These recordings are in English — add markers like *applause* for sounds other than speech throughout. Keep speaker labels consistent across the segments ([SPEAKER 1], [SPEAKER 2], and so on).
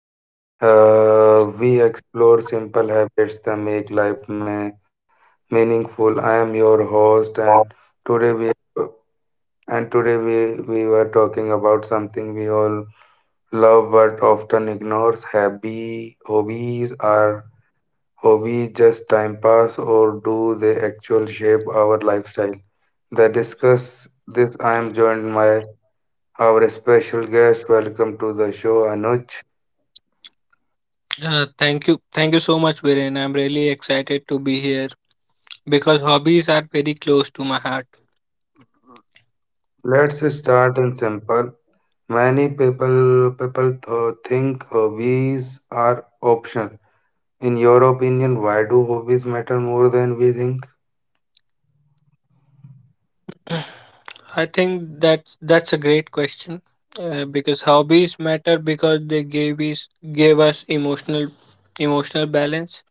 [SPEAKER 1] where we explore simple habits that make life meaningful. I am your host, and today we today we were talking about something we all love but often ignores. Happy hobbies are hobbies just time pass or do they actually shape our lifestyle? That discuss this. I am joined by our special guest. Welcome to the show, Anuj.
[SPEAKER 2] Thank you. Thank you so much, Viren. I'm really excited to be here because hobbies are very close to my heart.
[SPEAKER 1] Let's start in simple. Many people think hobbies are optional. In your opinion, why do hobbies matter more than we think?
[SPEAKER 2] *clears throat* I think that's a great question because hobbies matter because they gave us emotional balance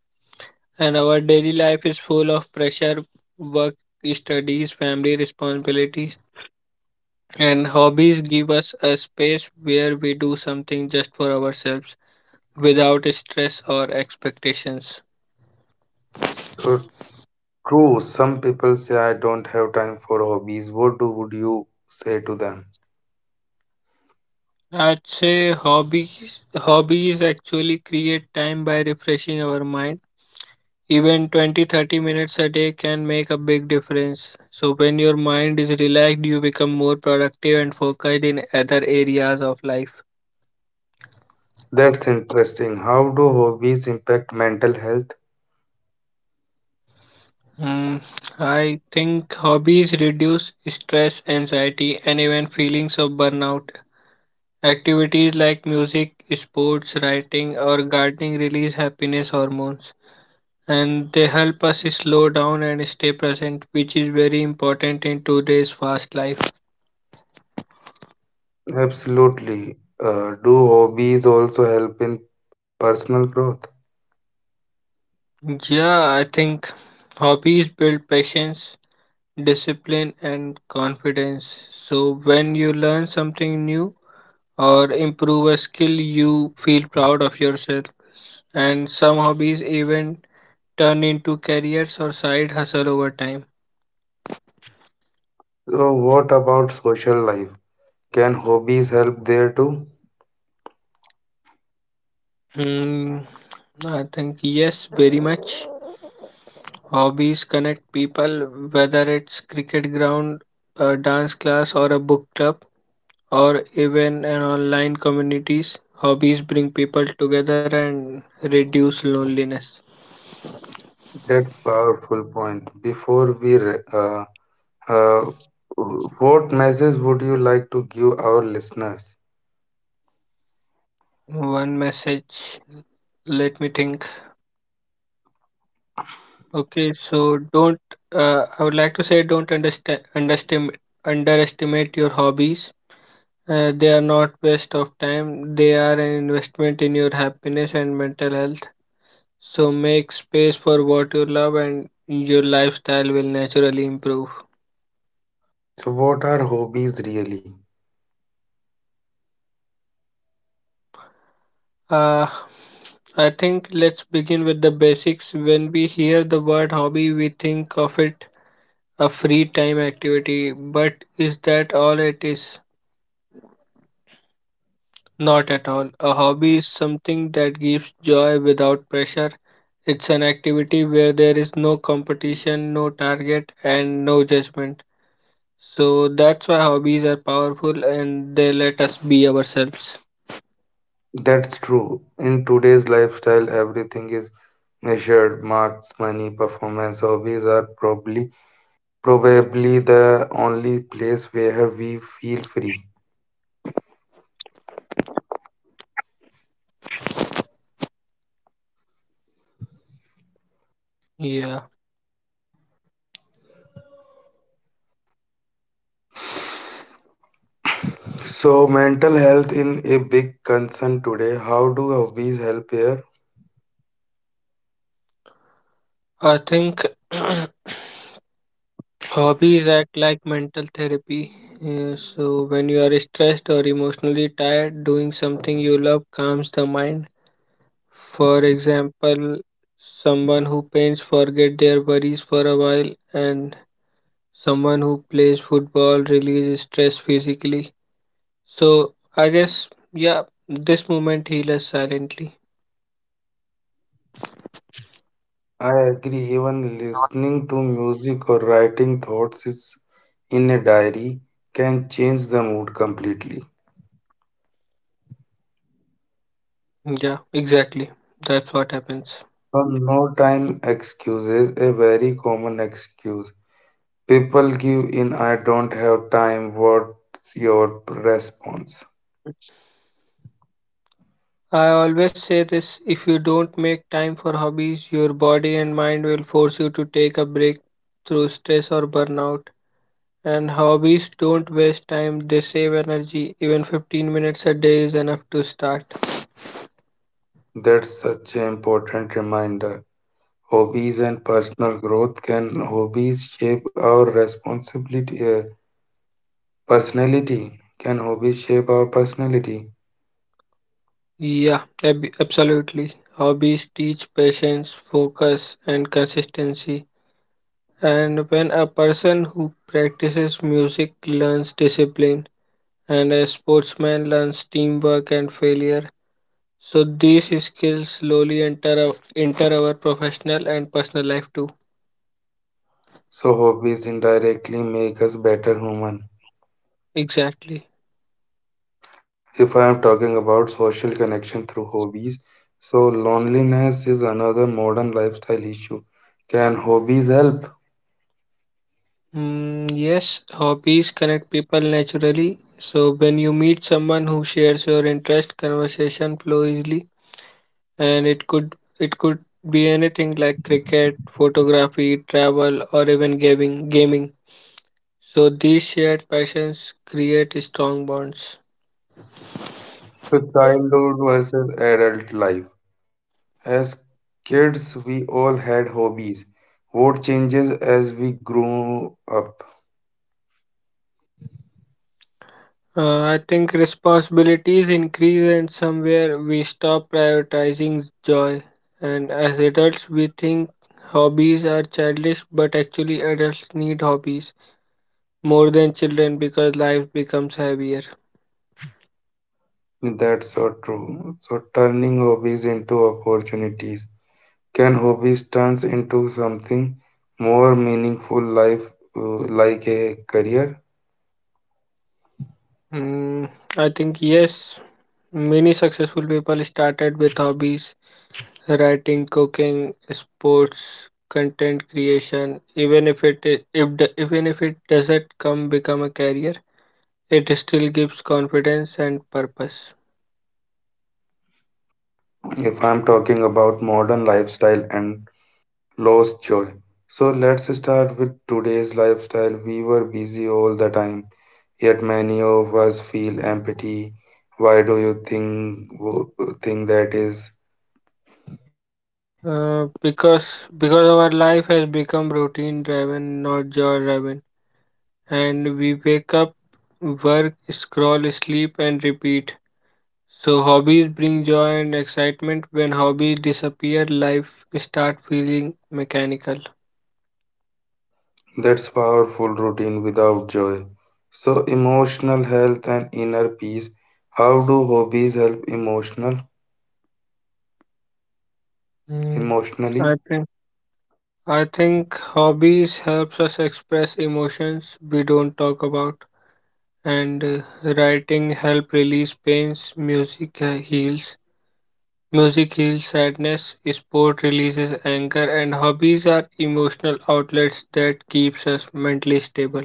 [SPEAKER 2] and our daily life is full of pressure, work, studies, family responsibilities and hobbies give us a space where we do something just for ourselves without stress or expectations.
[SPEAKER 1] So true, some people say I don't have time for hobbies. What do would you say to them?
[SPEAKER 2] I'd say hobbies. Hobbies actually create time by refreshing our mind. Even 20-30 minutes a day can make a big difference. So, when your mind is relaxed, you become more productive and focused in other areas of life.
[SPEAKER 1] That's interesting. How do hobbies impact mental health?
[SPEAKER 2] Mm, I think hobbies reduce stress, anxiety, and even feelings of burnout. Activities like music, sports, writing, or gardening release happiness hormones and they help us slow down and stay present, which is very important in today's fast life.
[SPEAKER 1] Absolutely. Do hobbies also help in personal growth?
[SPEAKER 2] Yeah, I think hobbies build patience, discipline, and confidence. So when you learn something new, or improve a skill you feel proud of yourself and some hobbies even turn into careers or side hustle over time.
[SPEAKER 1] So what about social life? Can hobbies help there too?
[SPEAKER 2] hmm, I think yes, very much. Hobbies connect people, whether it's cricket ground, a dance class, or a book club, or even an online communities. Hobbies bring people together and reduce loneliness.
[SPEAKER 1] That's powerful point. Before uh, what message would you like to give our listeners?
[SPEAKER 2] One message. Let me think. Okay, so don't. I would like to say don't understand underestimate underestimate your hobbies. They are not waste of time. They are an investment in your happiness and mental health. So make space for what you love and your lifestyle will naturally improve.
[SPEAKER 1] So, what are hobbies really?
[SPEAKER 2] Uh, I think let's begin with the basics. When we hear the word hobby, we think of it a free time activity, but is that all it is? Not at all. A hobby is something that gives joy without pressure. It's an activity where there is no competition, no target, and no judgment. So that's why hobbies are powerful and they let us be ourselves.
[SPEAKER 1] That's true. In today's lifestyle, everything is measured, marks, money, performance. Hobbies are probably the only place where we feel free.
[SPEAKER 2] Yeah,
[SPEAKER 1] So, mental health in a big concern today. How do hobbies help here?
[SPEAKER 2] I think *clears throat* hobbies act like mental therapy. Yeah, so when you are stressed or emotionally tired, doing something you love calms the mind. For example, someone who paints forget their worries for a while, and someone who plays football releases stress physically. So I guess yeah, this moment heals us silently.
[SPEAKER 1] I agree, even listening to music or writing thoughts is in a diary can change the mood completely.
[SPEAKER 2] Yeah, exactly. That's what happens.
[SPEAKER 1] So no time excuses, a very common excuse. People give in I don't have time. What's your response?
[SPEAKER 2] I always say this, if you don't make time for hobbies, your body and mind will force you to take a break through stress or burnout. And hobbies don't waste time, they save energy. Even 15 minutes a day is enough to start.
[SPEAKER 1] That's such an important reminder. Hobbies and personal growth can hobbies shape our responsibility personality. Can hobbies shape our personality?
[SPEAKER 2] Yeah, absolutely. Hobbies teach patience, focus, and consistency. And when a person who practices music learns discipline, and a sportsman learns teamwork and failure, so these skills slowly enter our professional and personal life too.
[SPEAKER 1] So hobbies indirectly make us better human.
[SPEAKER 2] Exactly.
[SPEAKER 1] If I am talking about social connection through hobbies, so loneliness is another modern lifestyle issue. Can hobbies help?
[SPEAKER 2] Yes, hobbies connect people naturally. So when you meet someone who shares your interest, conversation flow easily, and it could be anything like cricket, photography, travel, or even gaming. Gaming. So these shared passions create strong bonds.
[SPEAKER 1] So childhood versus adult life. As kids, we all had hobbies. What changes as we grow up?
[SPEAKER 2] I think responsibilities increase and somewhere we stop prioritizing joy. And as adults, we think hobbies are childish, but actually, adults need hobbies more than children because life becomes heavier.
[SPEAKER 1] That's so true. So turning hobbies into opportunities. Can hobbies turns into something more meaningful life like a career?
[SPEAKER 2] Mm, I think, yes, many successful people started with hobbies writing, cooking, sports, content creation, even if it doesn't come become a career, it still gives confidence and purpose.
[SPEAKER 1] If I'm talking about modern lifestyle and lost joy. So let's start with today's lifestyle. We were busy all the time, yet many of us feel empty. Why do you think that is?
[SPEAKER 2] Because because our life has become routine driven, not joy driven, and we wake up, work, scroll, sleep, and repeat. So hobbies bring joy and excitement. When hobbies disappear, life start feeling mechanical.
[SPEAKER 1] That's powerful routine without joy. So emotional health and inner peace. How do hobbies help
[SPEAKER 2] Mm,
[SPEAKER 1] emotionally.
[SPEAKER 2] I think I think hobbies helps us express emotions we don't talk about and writing help release pains, music heals sadness, sport releases anger, and hobbies are emotional outlets that keeps us mentally stable.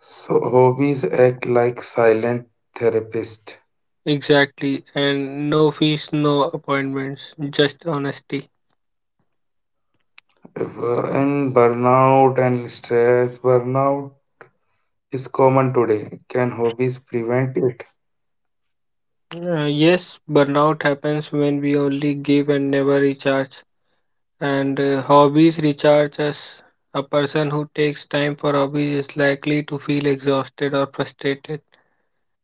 [SPEAKER 1] So hobbies act like silent therapist.
[SPEAKER 2] Exactly, and no fees, no appointments, just honesty.
[SPEAKER 1] In burnout and stress, burnout is common today. Can hobbies prevent it?
[SPEAKER 2] Yes, burnout happens when we only give and never recharge, and hobbies recharge us. A person who takes time for hobbies is likely to feel exhausted or frustrated.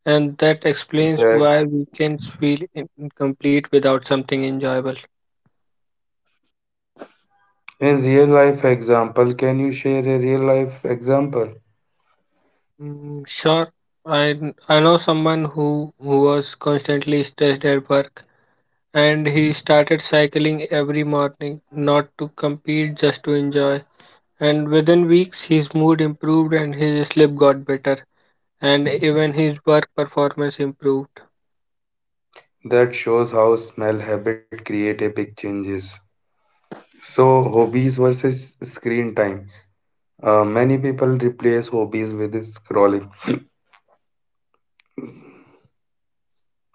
[SPEAKER 2] And that explains
[SPEAKER 1] That
[SPEAKER 2] why weekends feel incomplete without something enjoyable.
[SPEAKER 1] in real life example, can you share a real life example
[SPEAKER 2] Sure, I know who was constantly stressed at work and he started cycling every morning, not to compete, just to enjoy. And within weeks, his mood improved and his sleep got better, and even his work performance improved.
[SPEAKER 1] that shows how smell habit create a big changes? So hobbies versus screen time. Many people replace hobbies with scrolling.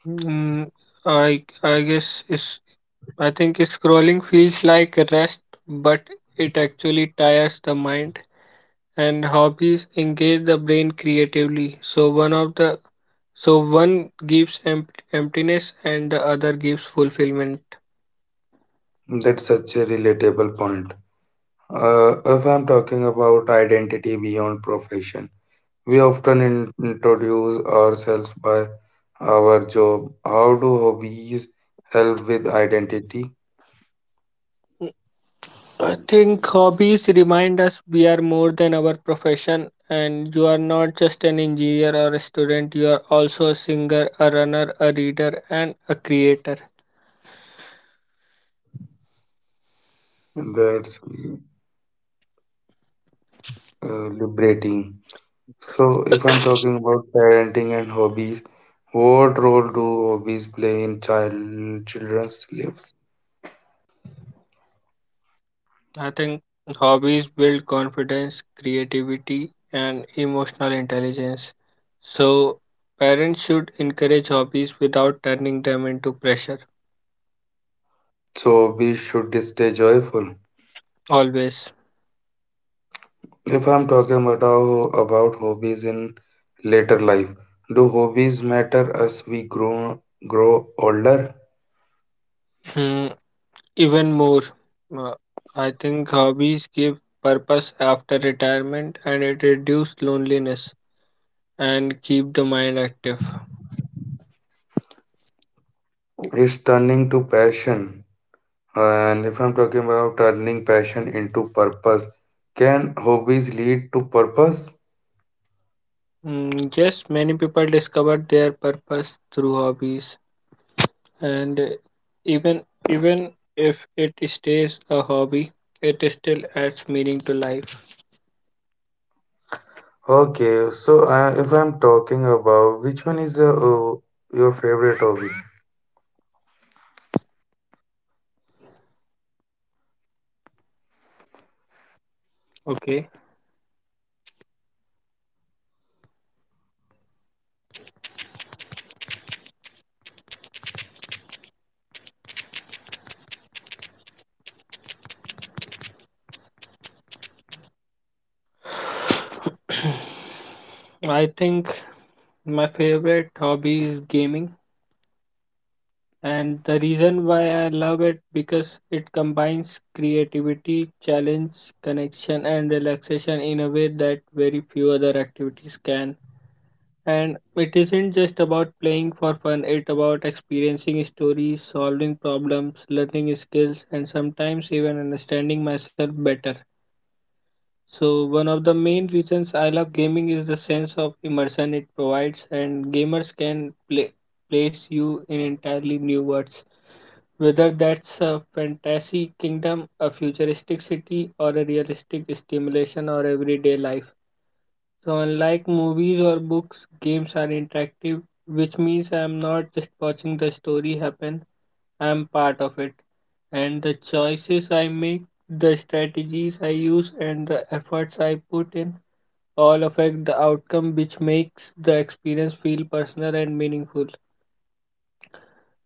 [SPEAKER 2] Mm, I guess it's I think scrolling feels like rest, but it actually tires the mind. And hobbies engage the brain creatively. So one gives emptiness and the other gives fulfillment.
[SPEAKER 1] That's such a relatable point. If I'm talking about identity beyond profession, we often introduce ourselves by our job. How do hobbies help with identity?
[SPEAKER 2] I think hobbies remind us we are more than our profession, and you are not just an engineer or a student. You are also a singer, a runner, a reader, and a creator.
[SPEAKER 1] That's liberating. So, if I'm talking about parenting and hobbies, what role do hobbies play in children's lives?
[SPEAKER 2] I think hobbies build confidence, creativity, and emotional intelligence. So, parents should encourage hobbies without turning them into pressure,
[SPEAKER 1] So, hobbies should stay joyful.
[SPEAKER 2] always.
[SPEAKER 1] If I'm talking about about hobbies in later life, do hobbies matter as we grow older?
[SPEAKER 2] Hmm, Even more, uh, I think hobbies give purpose after retirement and it reduces loneliness and keep the mind active.
[SPEAKER 1] It's turning to passion, and if I'm talking about turning passion into purpose, can hobbies lead to purpose?
[SPEAKER 2] Yes, many people discover their purpose through hobbies, and even even if it stays a hobby, it still adds meaning to life.
[SPEAKER 1] Okay, so if I'm talking about which one is your favorite hobby?
[SPEAKER 2] Okay. *clears throat* I think my favorite hobby is gaming, and the reason why I love it because it combines creativity, challenge, connection, and relaxation in a way that very few other activities can. And it isn't just about playing for fun, it's about experiencing stories, solving problems, learning skills, and sometimes even understanding myself better. So, one of the main reasons I love gaming is the sense of immersion it provides, and place you in entirely new worlds. Whether that's a fantasy kingdom, a futuristic city, or a realistic stimulation or everyday life. So, unlike movies or books, games are interactive, which means I am not just watching the story happen, I am part of it. And the choices I make, the strategies I use, and the efforts I put in all affect the outcome, which makes the experience feel personal and meaningful.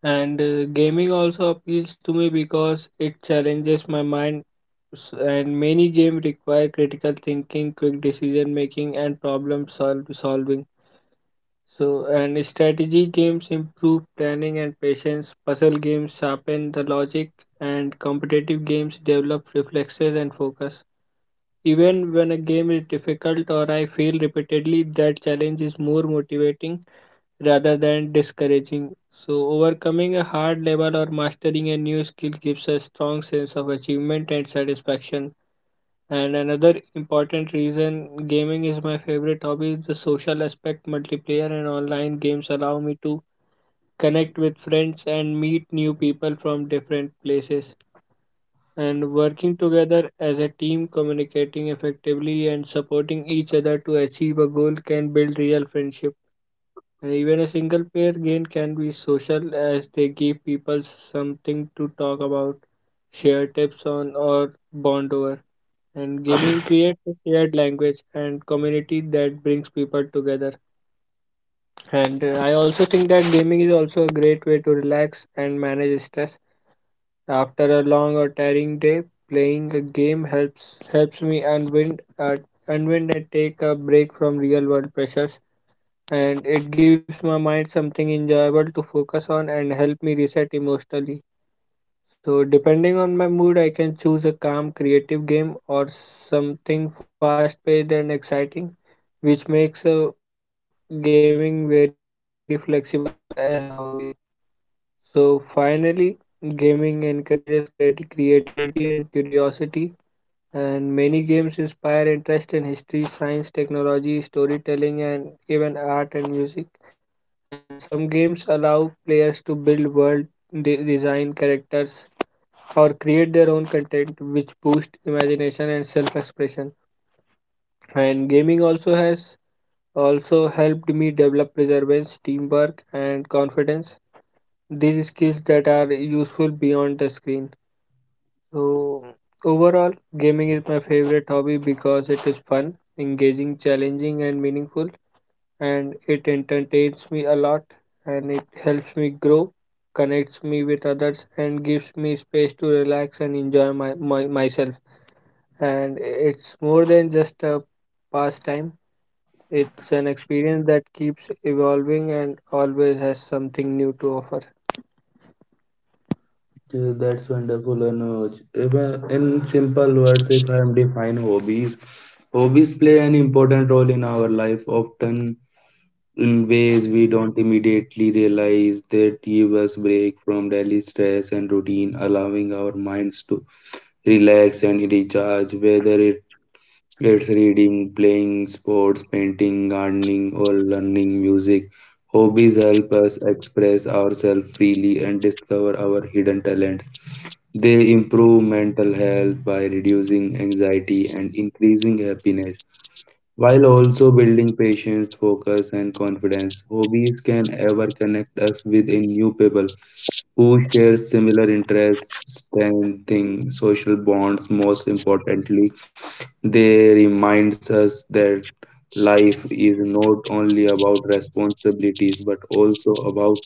[SPEAKER 2] And gaming also appeals to me because it challenges my mind, and many games require critical thinking, quick decision making, and problem solving. So, and strategy games improve planning and patience, puzzle games sharpen the logic, and competitive games develop reflexes and focus. Even when a game is difficult or I fail repeatedly, that challenge is more motivating rather than discouraging. So, overcoming a hard level or mastering a new skill gives a strong sense of achievement and satisfaction. And another important reason gaming is my favorite hobby is the social aspect. Multiplayer and online games allow me to connect with friends and meet new people from different places. And working together as a team, communicating effectively, and supporting each other to achieve a goal can build real friendship. And even a single player game can be social as they give people something to talk about, share tips on, or bond over. And gaming creates a shared language and community that brings people together. And I also think that gaming is also a great way to relax and manage stress. After a long or tiring day, playing a game helps me unwind and take a break from real world pressures. And it gives my mind something enjoyable to focus on and help me reset emotionally. So, depending on my mood, I can choose a calm, creative game or something fast paced and exciting, which makes gaming very flexible as a hobby. So, finally, gaming encourages creativity and curiosity, and many games inspire interest in history, science, technology, storytelling, and even art and music. And some games allow players to build world, design characters, or create their own content which boost imagination and self-expression. And gaming also helped me develop perseverance, teamwork, and confidence, these skills that are useful beyond the screen. So, overall, gaming is my favorite hobby because it is fun, engaging, challenging, and meaningful, and it entertains me a lot, and it helps me grow, connects me with others, and gives me space to relax and enjoy my, my myself. And it's more than just a pastime. It's an experience that keeps evolving and always has something new to offer.
[SPEAKER 1] Yeah, that's wonderful, Anuj. If In simple words, if I am define hobbies, hobbies play an important role in our life, often in ways we don't immediately realize. They give us break from daily stress and routine, allowing our minds to relax and recharge. It's reading, playing sports, painting, gardening, or learning music, hobbies help us express ourselves freely and discover our hidden talents. They improve mental health by reducing anxiety and increasing happiness, while also building patience, focus, and confidence. Hobbies can ever connect us with a new people who share similar interests, strengthening social bonds. Most importantly, they reminds us that life is not only about responsibilities but also about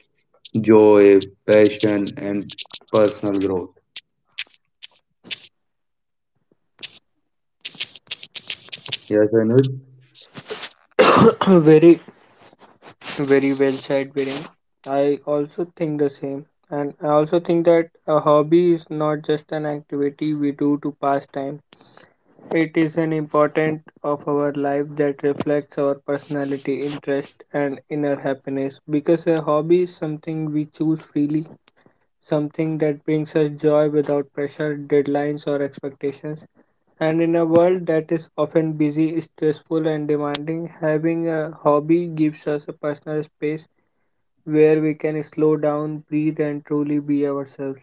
[SPEAKER 1] joy, passion, and personal growth. Yes, Anuj.
[SPEAKER 2] *coughs* *clears throat* very, Very well said, Viren. I also think the same. And I also think that a hobby is not just an activity we do to pass time. It is an important of our life that reflects our personality, interest, and inner happiness. Because a hobby is something we choose freely, something that brings us joy without pressure, deadlines, or expectations. And in a world that is often busy, stressful, and demanding, having a hobby gives us a personal space where we can slow down, breathe, and truly be ourselves.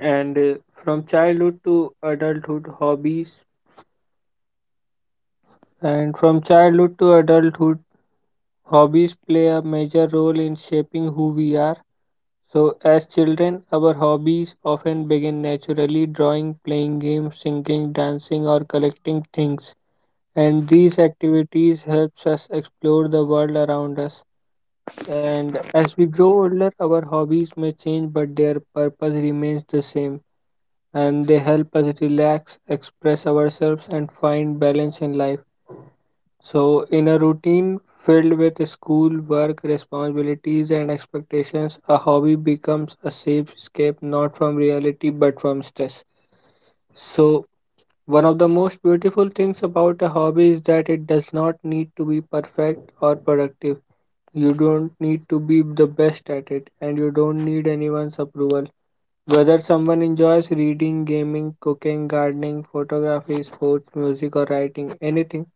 [SPEAKER 2] And uh, from childhood to adulthood, hobbies And from childhood to adulthood, hobbies play a major role in shaping who we are. So, as children, our hobbies often begin naturally drawing, playing games, singing, dancing, or collecting things. And these activities helps us explore the world around us. And as we grow older, our hobbies may change, but their purpose remains the same. And they help us relax, express ourselves, and find balance in life. So, in a routine filled with school, work, responsibilities, and expectations, a hobby becomes a safe escape not from reality but from stress. So, one of the most beautiful things about a hobby is that it does not need to be perfect or productive. You don't need to be the best at it, and you don't need anyone's approval. Whether someone enjoys reading, gaming, cooking, gardening, photography, sports, music, or writing, anything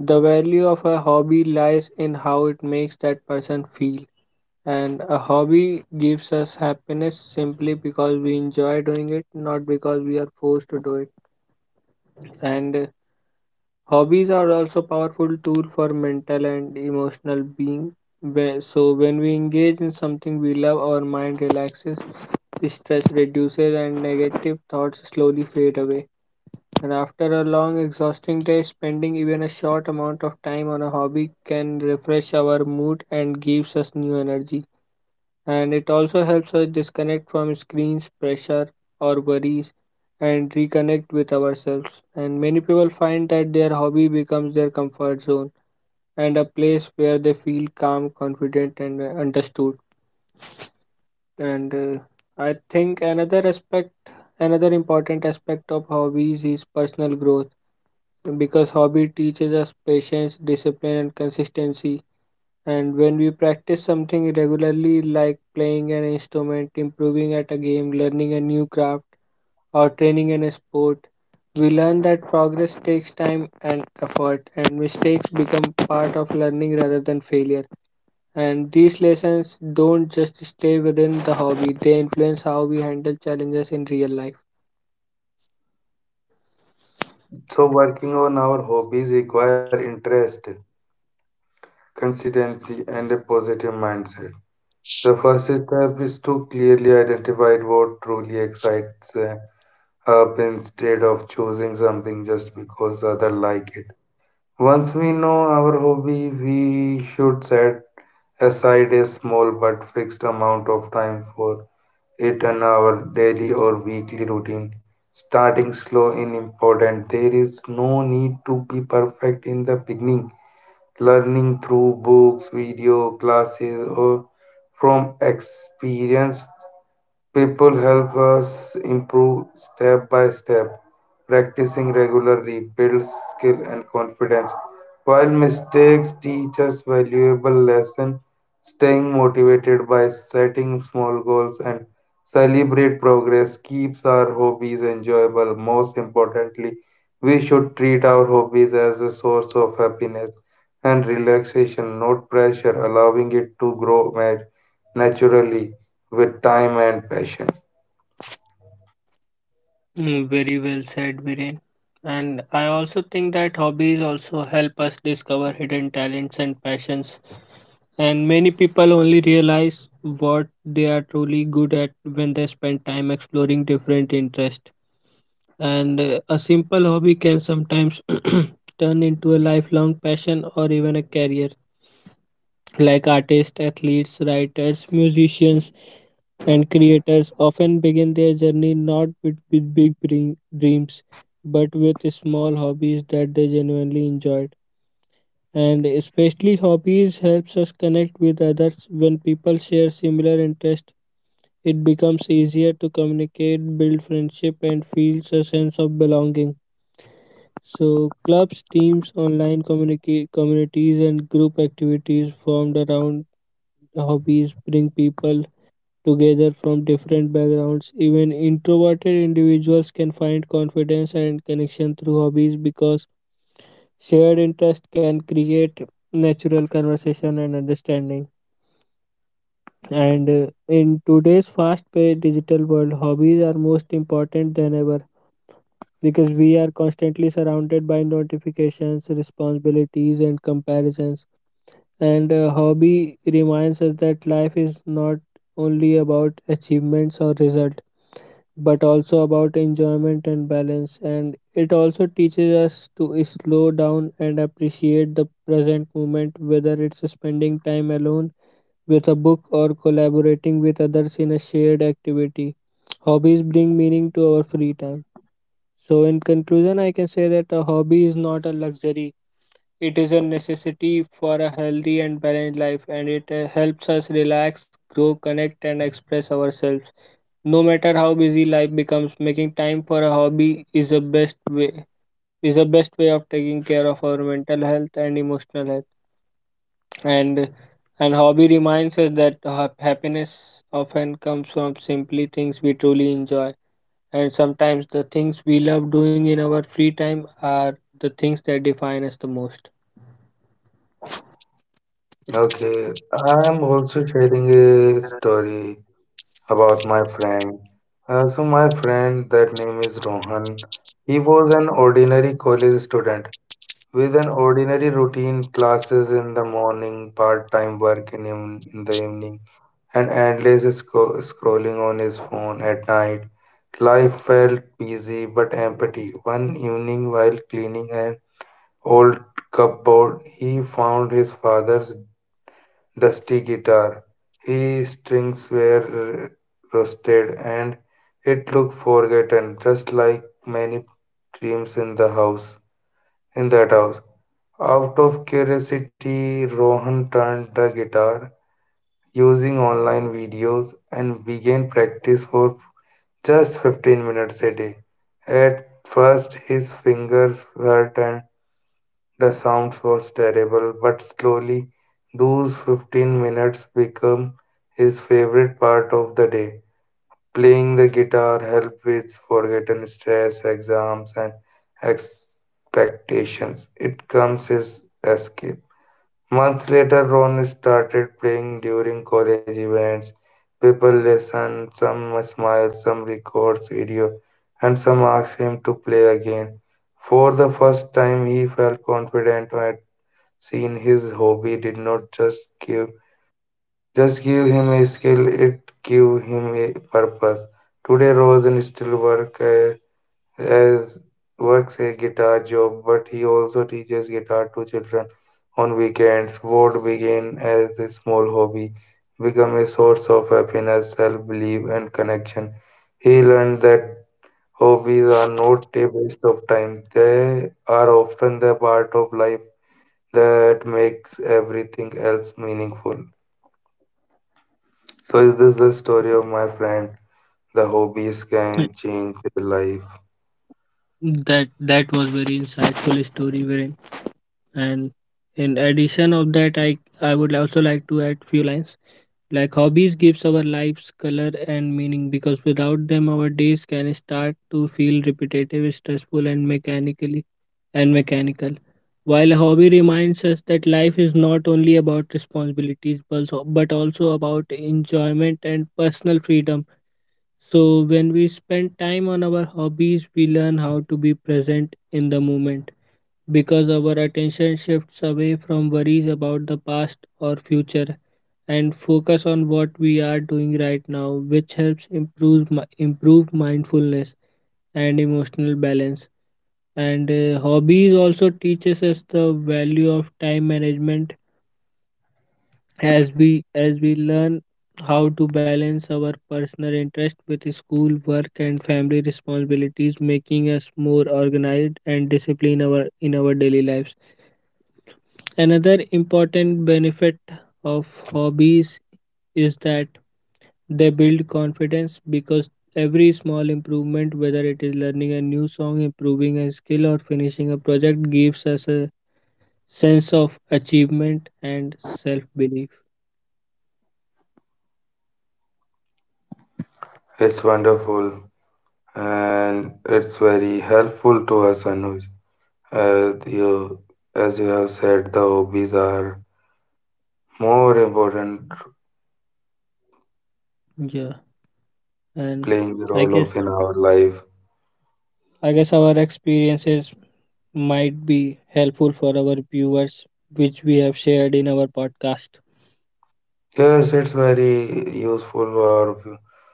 [SPEAKER 2] the value of a hobby lies in how it makes that person feel. And a hobby gives us happiness simply because we enjoy doing it, not because we are forced to do it. And Hobbies are also powerful tool for mental and emotional being. So when we engage in something we love, our mind relaxes, stress reduces, and negative thoughts slowly fade away. And after a long, exhausting day, spending even a short amount of time on a hobby can refresh our mood and gives us new energy. And it also helps us disconnect from screens, pressure, or worries and reconnect with ourselves. And many people find that their hobby becomes their comfort zone and a place where they feel calm, confident, and understood. And I think another aspect, another important aspect of hobbies is personal growth because hobby teaches us patience, discipline, and consistency. And when we practice something regularly, like playing an instrument, improving at a game, learning a new craft, or training in a sport, we learn that progress takes time and effort, and mistakes become part of learning rather than failure. And these lessons don't just stay within the hobby, they influence how we handle challenges in real life.
[SPEAKER 1] So, working on our hobbies require interest, consistency, and a positive mindset. The first step is to clearly identify what truly excites us instead of choosing something just because others like it. Once we know our hobby, we should set aside a small but fixed amount of time for it on our daily or weekly routine. Starting slow is important. There is no need to be perfect in the beginning. Learning through books, video, classes, or from experience people help us improve step by step. Practicing regularly builds skill and confidence. While mistakes teach us valuable lessons, staying motivated by setting small goals and celebrate progress keeps our hobbies enjoyable. Most importantly, we should treat our hobbies as a source of happiness and relaxation, not pressure, allowing it to naturally with time and passion.
[SPEAKER 2] Mm, very well said, Viren. And I also think that hobbies also help us discover hidden talents and passions. And many people only realize what they are truly good at when they spend time exploring different interests. And a simple hobby can sometimes *clears throat* turn into a lifelong passion or even a career like artists, athletes, writers, musicians, and creators often begin their journey not with big dreams, but with small hobbies that they genuinely enjoyed. And especially hobbies helps us connect with others. When people share similar interests, it becomes easier to communicate, build friendship, and feels a sense of belonging. So clubs, teams, online communities, and group activities formed around hobbies bring people together from different backgrounds. Even introverted individuals can find confidence and connection through hobbies because shared interest can create natural conversation and understanding. And in today's fast-paced digital world, hobbies are most important than ever because we are constantly surrounded by notifications, responsibilities, and comparisons, and a hobby reminds us that life is not only about achievements or result but also about enjoyment and balance. And it also teaches us to slow down and appreciate the present moment, whether it's spending time alone with a book or collaborating with others in a shared activity. Hobbies bring meaning to our free time. So in conclusion, I can say that a hobby is not a luxury, it is a necessity for a healthy and balanced life, and it helps us relax, grow, connect, and express ourselves. No matter how busy life becomes, making time for a hobby is the best way is the best way of taking care of our mental health and emotional health. And and hobby reminds us that happiness often comes from simply things we truly enjoy. And sometimes the things we love doing in our free time are the things that define us the most.
[SPEAKER 1] Okay, I am also sharing a story about my friend. So my friend, that name is Rohan. He was an ordinary college student with an ordinary routine, classes in the morning, part-time work in the evening, and endless scrolling on his phone at night. Life felt busy but empty. One evening, while cleaning an old cupboard, he found his father's dusty guitar. His strings were rusted and it looked forgotten, just like many dreams in the house. In that house. Out of curiosity, Rohan turned the guitar using online videos and began practice for just 15 minutes a day. At first, his fingers hurt and the sound was terrible, but slowly those 15 minutes become his favorite part of the day. Playing the guitar helped with forgotten stress, exams, and expectations. It comes his escape. Months later, Ron started playing during college events. People listen, some smile, some records video, and some ask him to play again. For the first time, he felt confident at seen his hobby did not just give him a skill, it gave him a purpose. Today Rosen still as works a guitar job, but he also teaches guitar to children on weekends. What began as a small hobby become a source of happiness, self-belief and connection. He learned that hobbies are not a waste of time. They are often the part of life that makes everything else meaningful. So, is this the story of my friend? The hobbies can change their life.
[SPEAKER 2] That was very insightful story, Viren. And in addition of that, I would also like to add few lines like hobbies gives our lives color and meaning, because without them our days can start to feel repetitive, stressful, and mechanical, while a hobby reminds us that life is not only about responsibilities but also about enjoyment and personal freedom. So, when we spend time on our hobbies, we learn how to be present in the moment, because our attention shifts away from worries about the past or future and focus on what we are doing right now, which helps improve mindfulness and emotional balance. And hobbies also teaches us the value of time management, as we learn how to balance our personal interest with school work and family responsibilities, making us more organized and disciplined our in our daily lives. Another important benefit of hobbies is that they build confidence, because every small improvement, whether it is learning a new song, improving a skill, or finishing a project, gives us a sense of achievement and self belief.
[SPEAKER 1] It's wonderful and it's very helpful to us, Anuj. As you, as you have said, the hobbies are more important,
[SPEAKER 2] Yeah, and
[SPEAKER 1] playing the
[SPEAKER 2] i
[SPEAKER 1] role
[SPEAKER 2] guess
[SPEAKER 1] of in our life.
[SPEAKER 2] I guess our experiences might be helpful for our viewers, which we have shared in our podcast.
[SPEAKER 1] Yes, it's very useful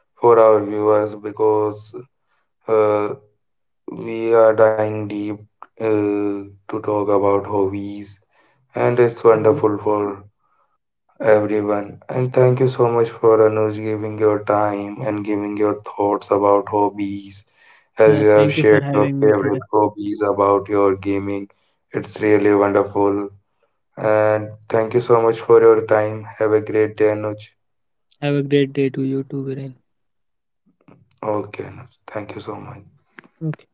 [SPEAKER 1] for our viewers because uh, we are diving deep to talk about hobbies, and it's
[SPEAKER 2] Mhm.
[SPEAKER 1] wonderful for everyone. And thank you so much for Anuj giving your time and giving your thoughts about hobbies,
[SPEAKER 2] Yeah,
[SPEAKER 1] as you
[SPEAKER 2] thank
[SPEAKER 1] have
[SPEAKER 2] you for
[SPEAKER 1] shared your
[SPEAKER 2] having me today.
[SPEAKER 1] favorite hobbies about your gaming. It's really wonderful. And thank you so much for your time. Have a great day, Anuj.
[SPEAKER 2] Have a great day to you too, Viren.
[SPEAKER 1] Okay, Anuj. Thank you so much.
[SPEAKER 2] Okay.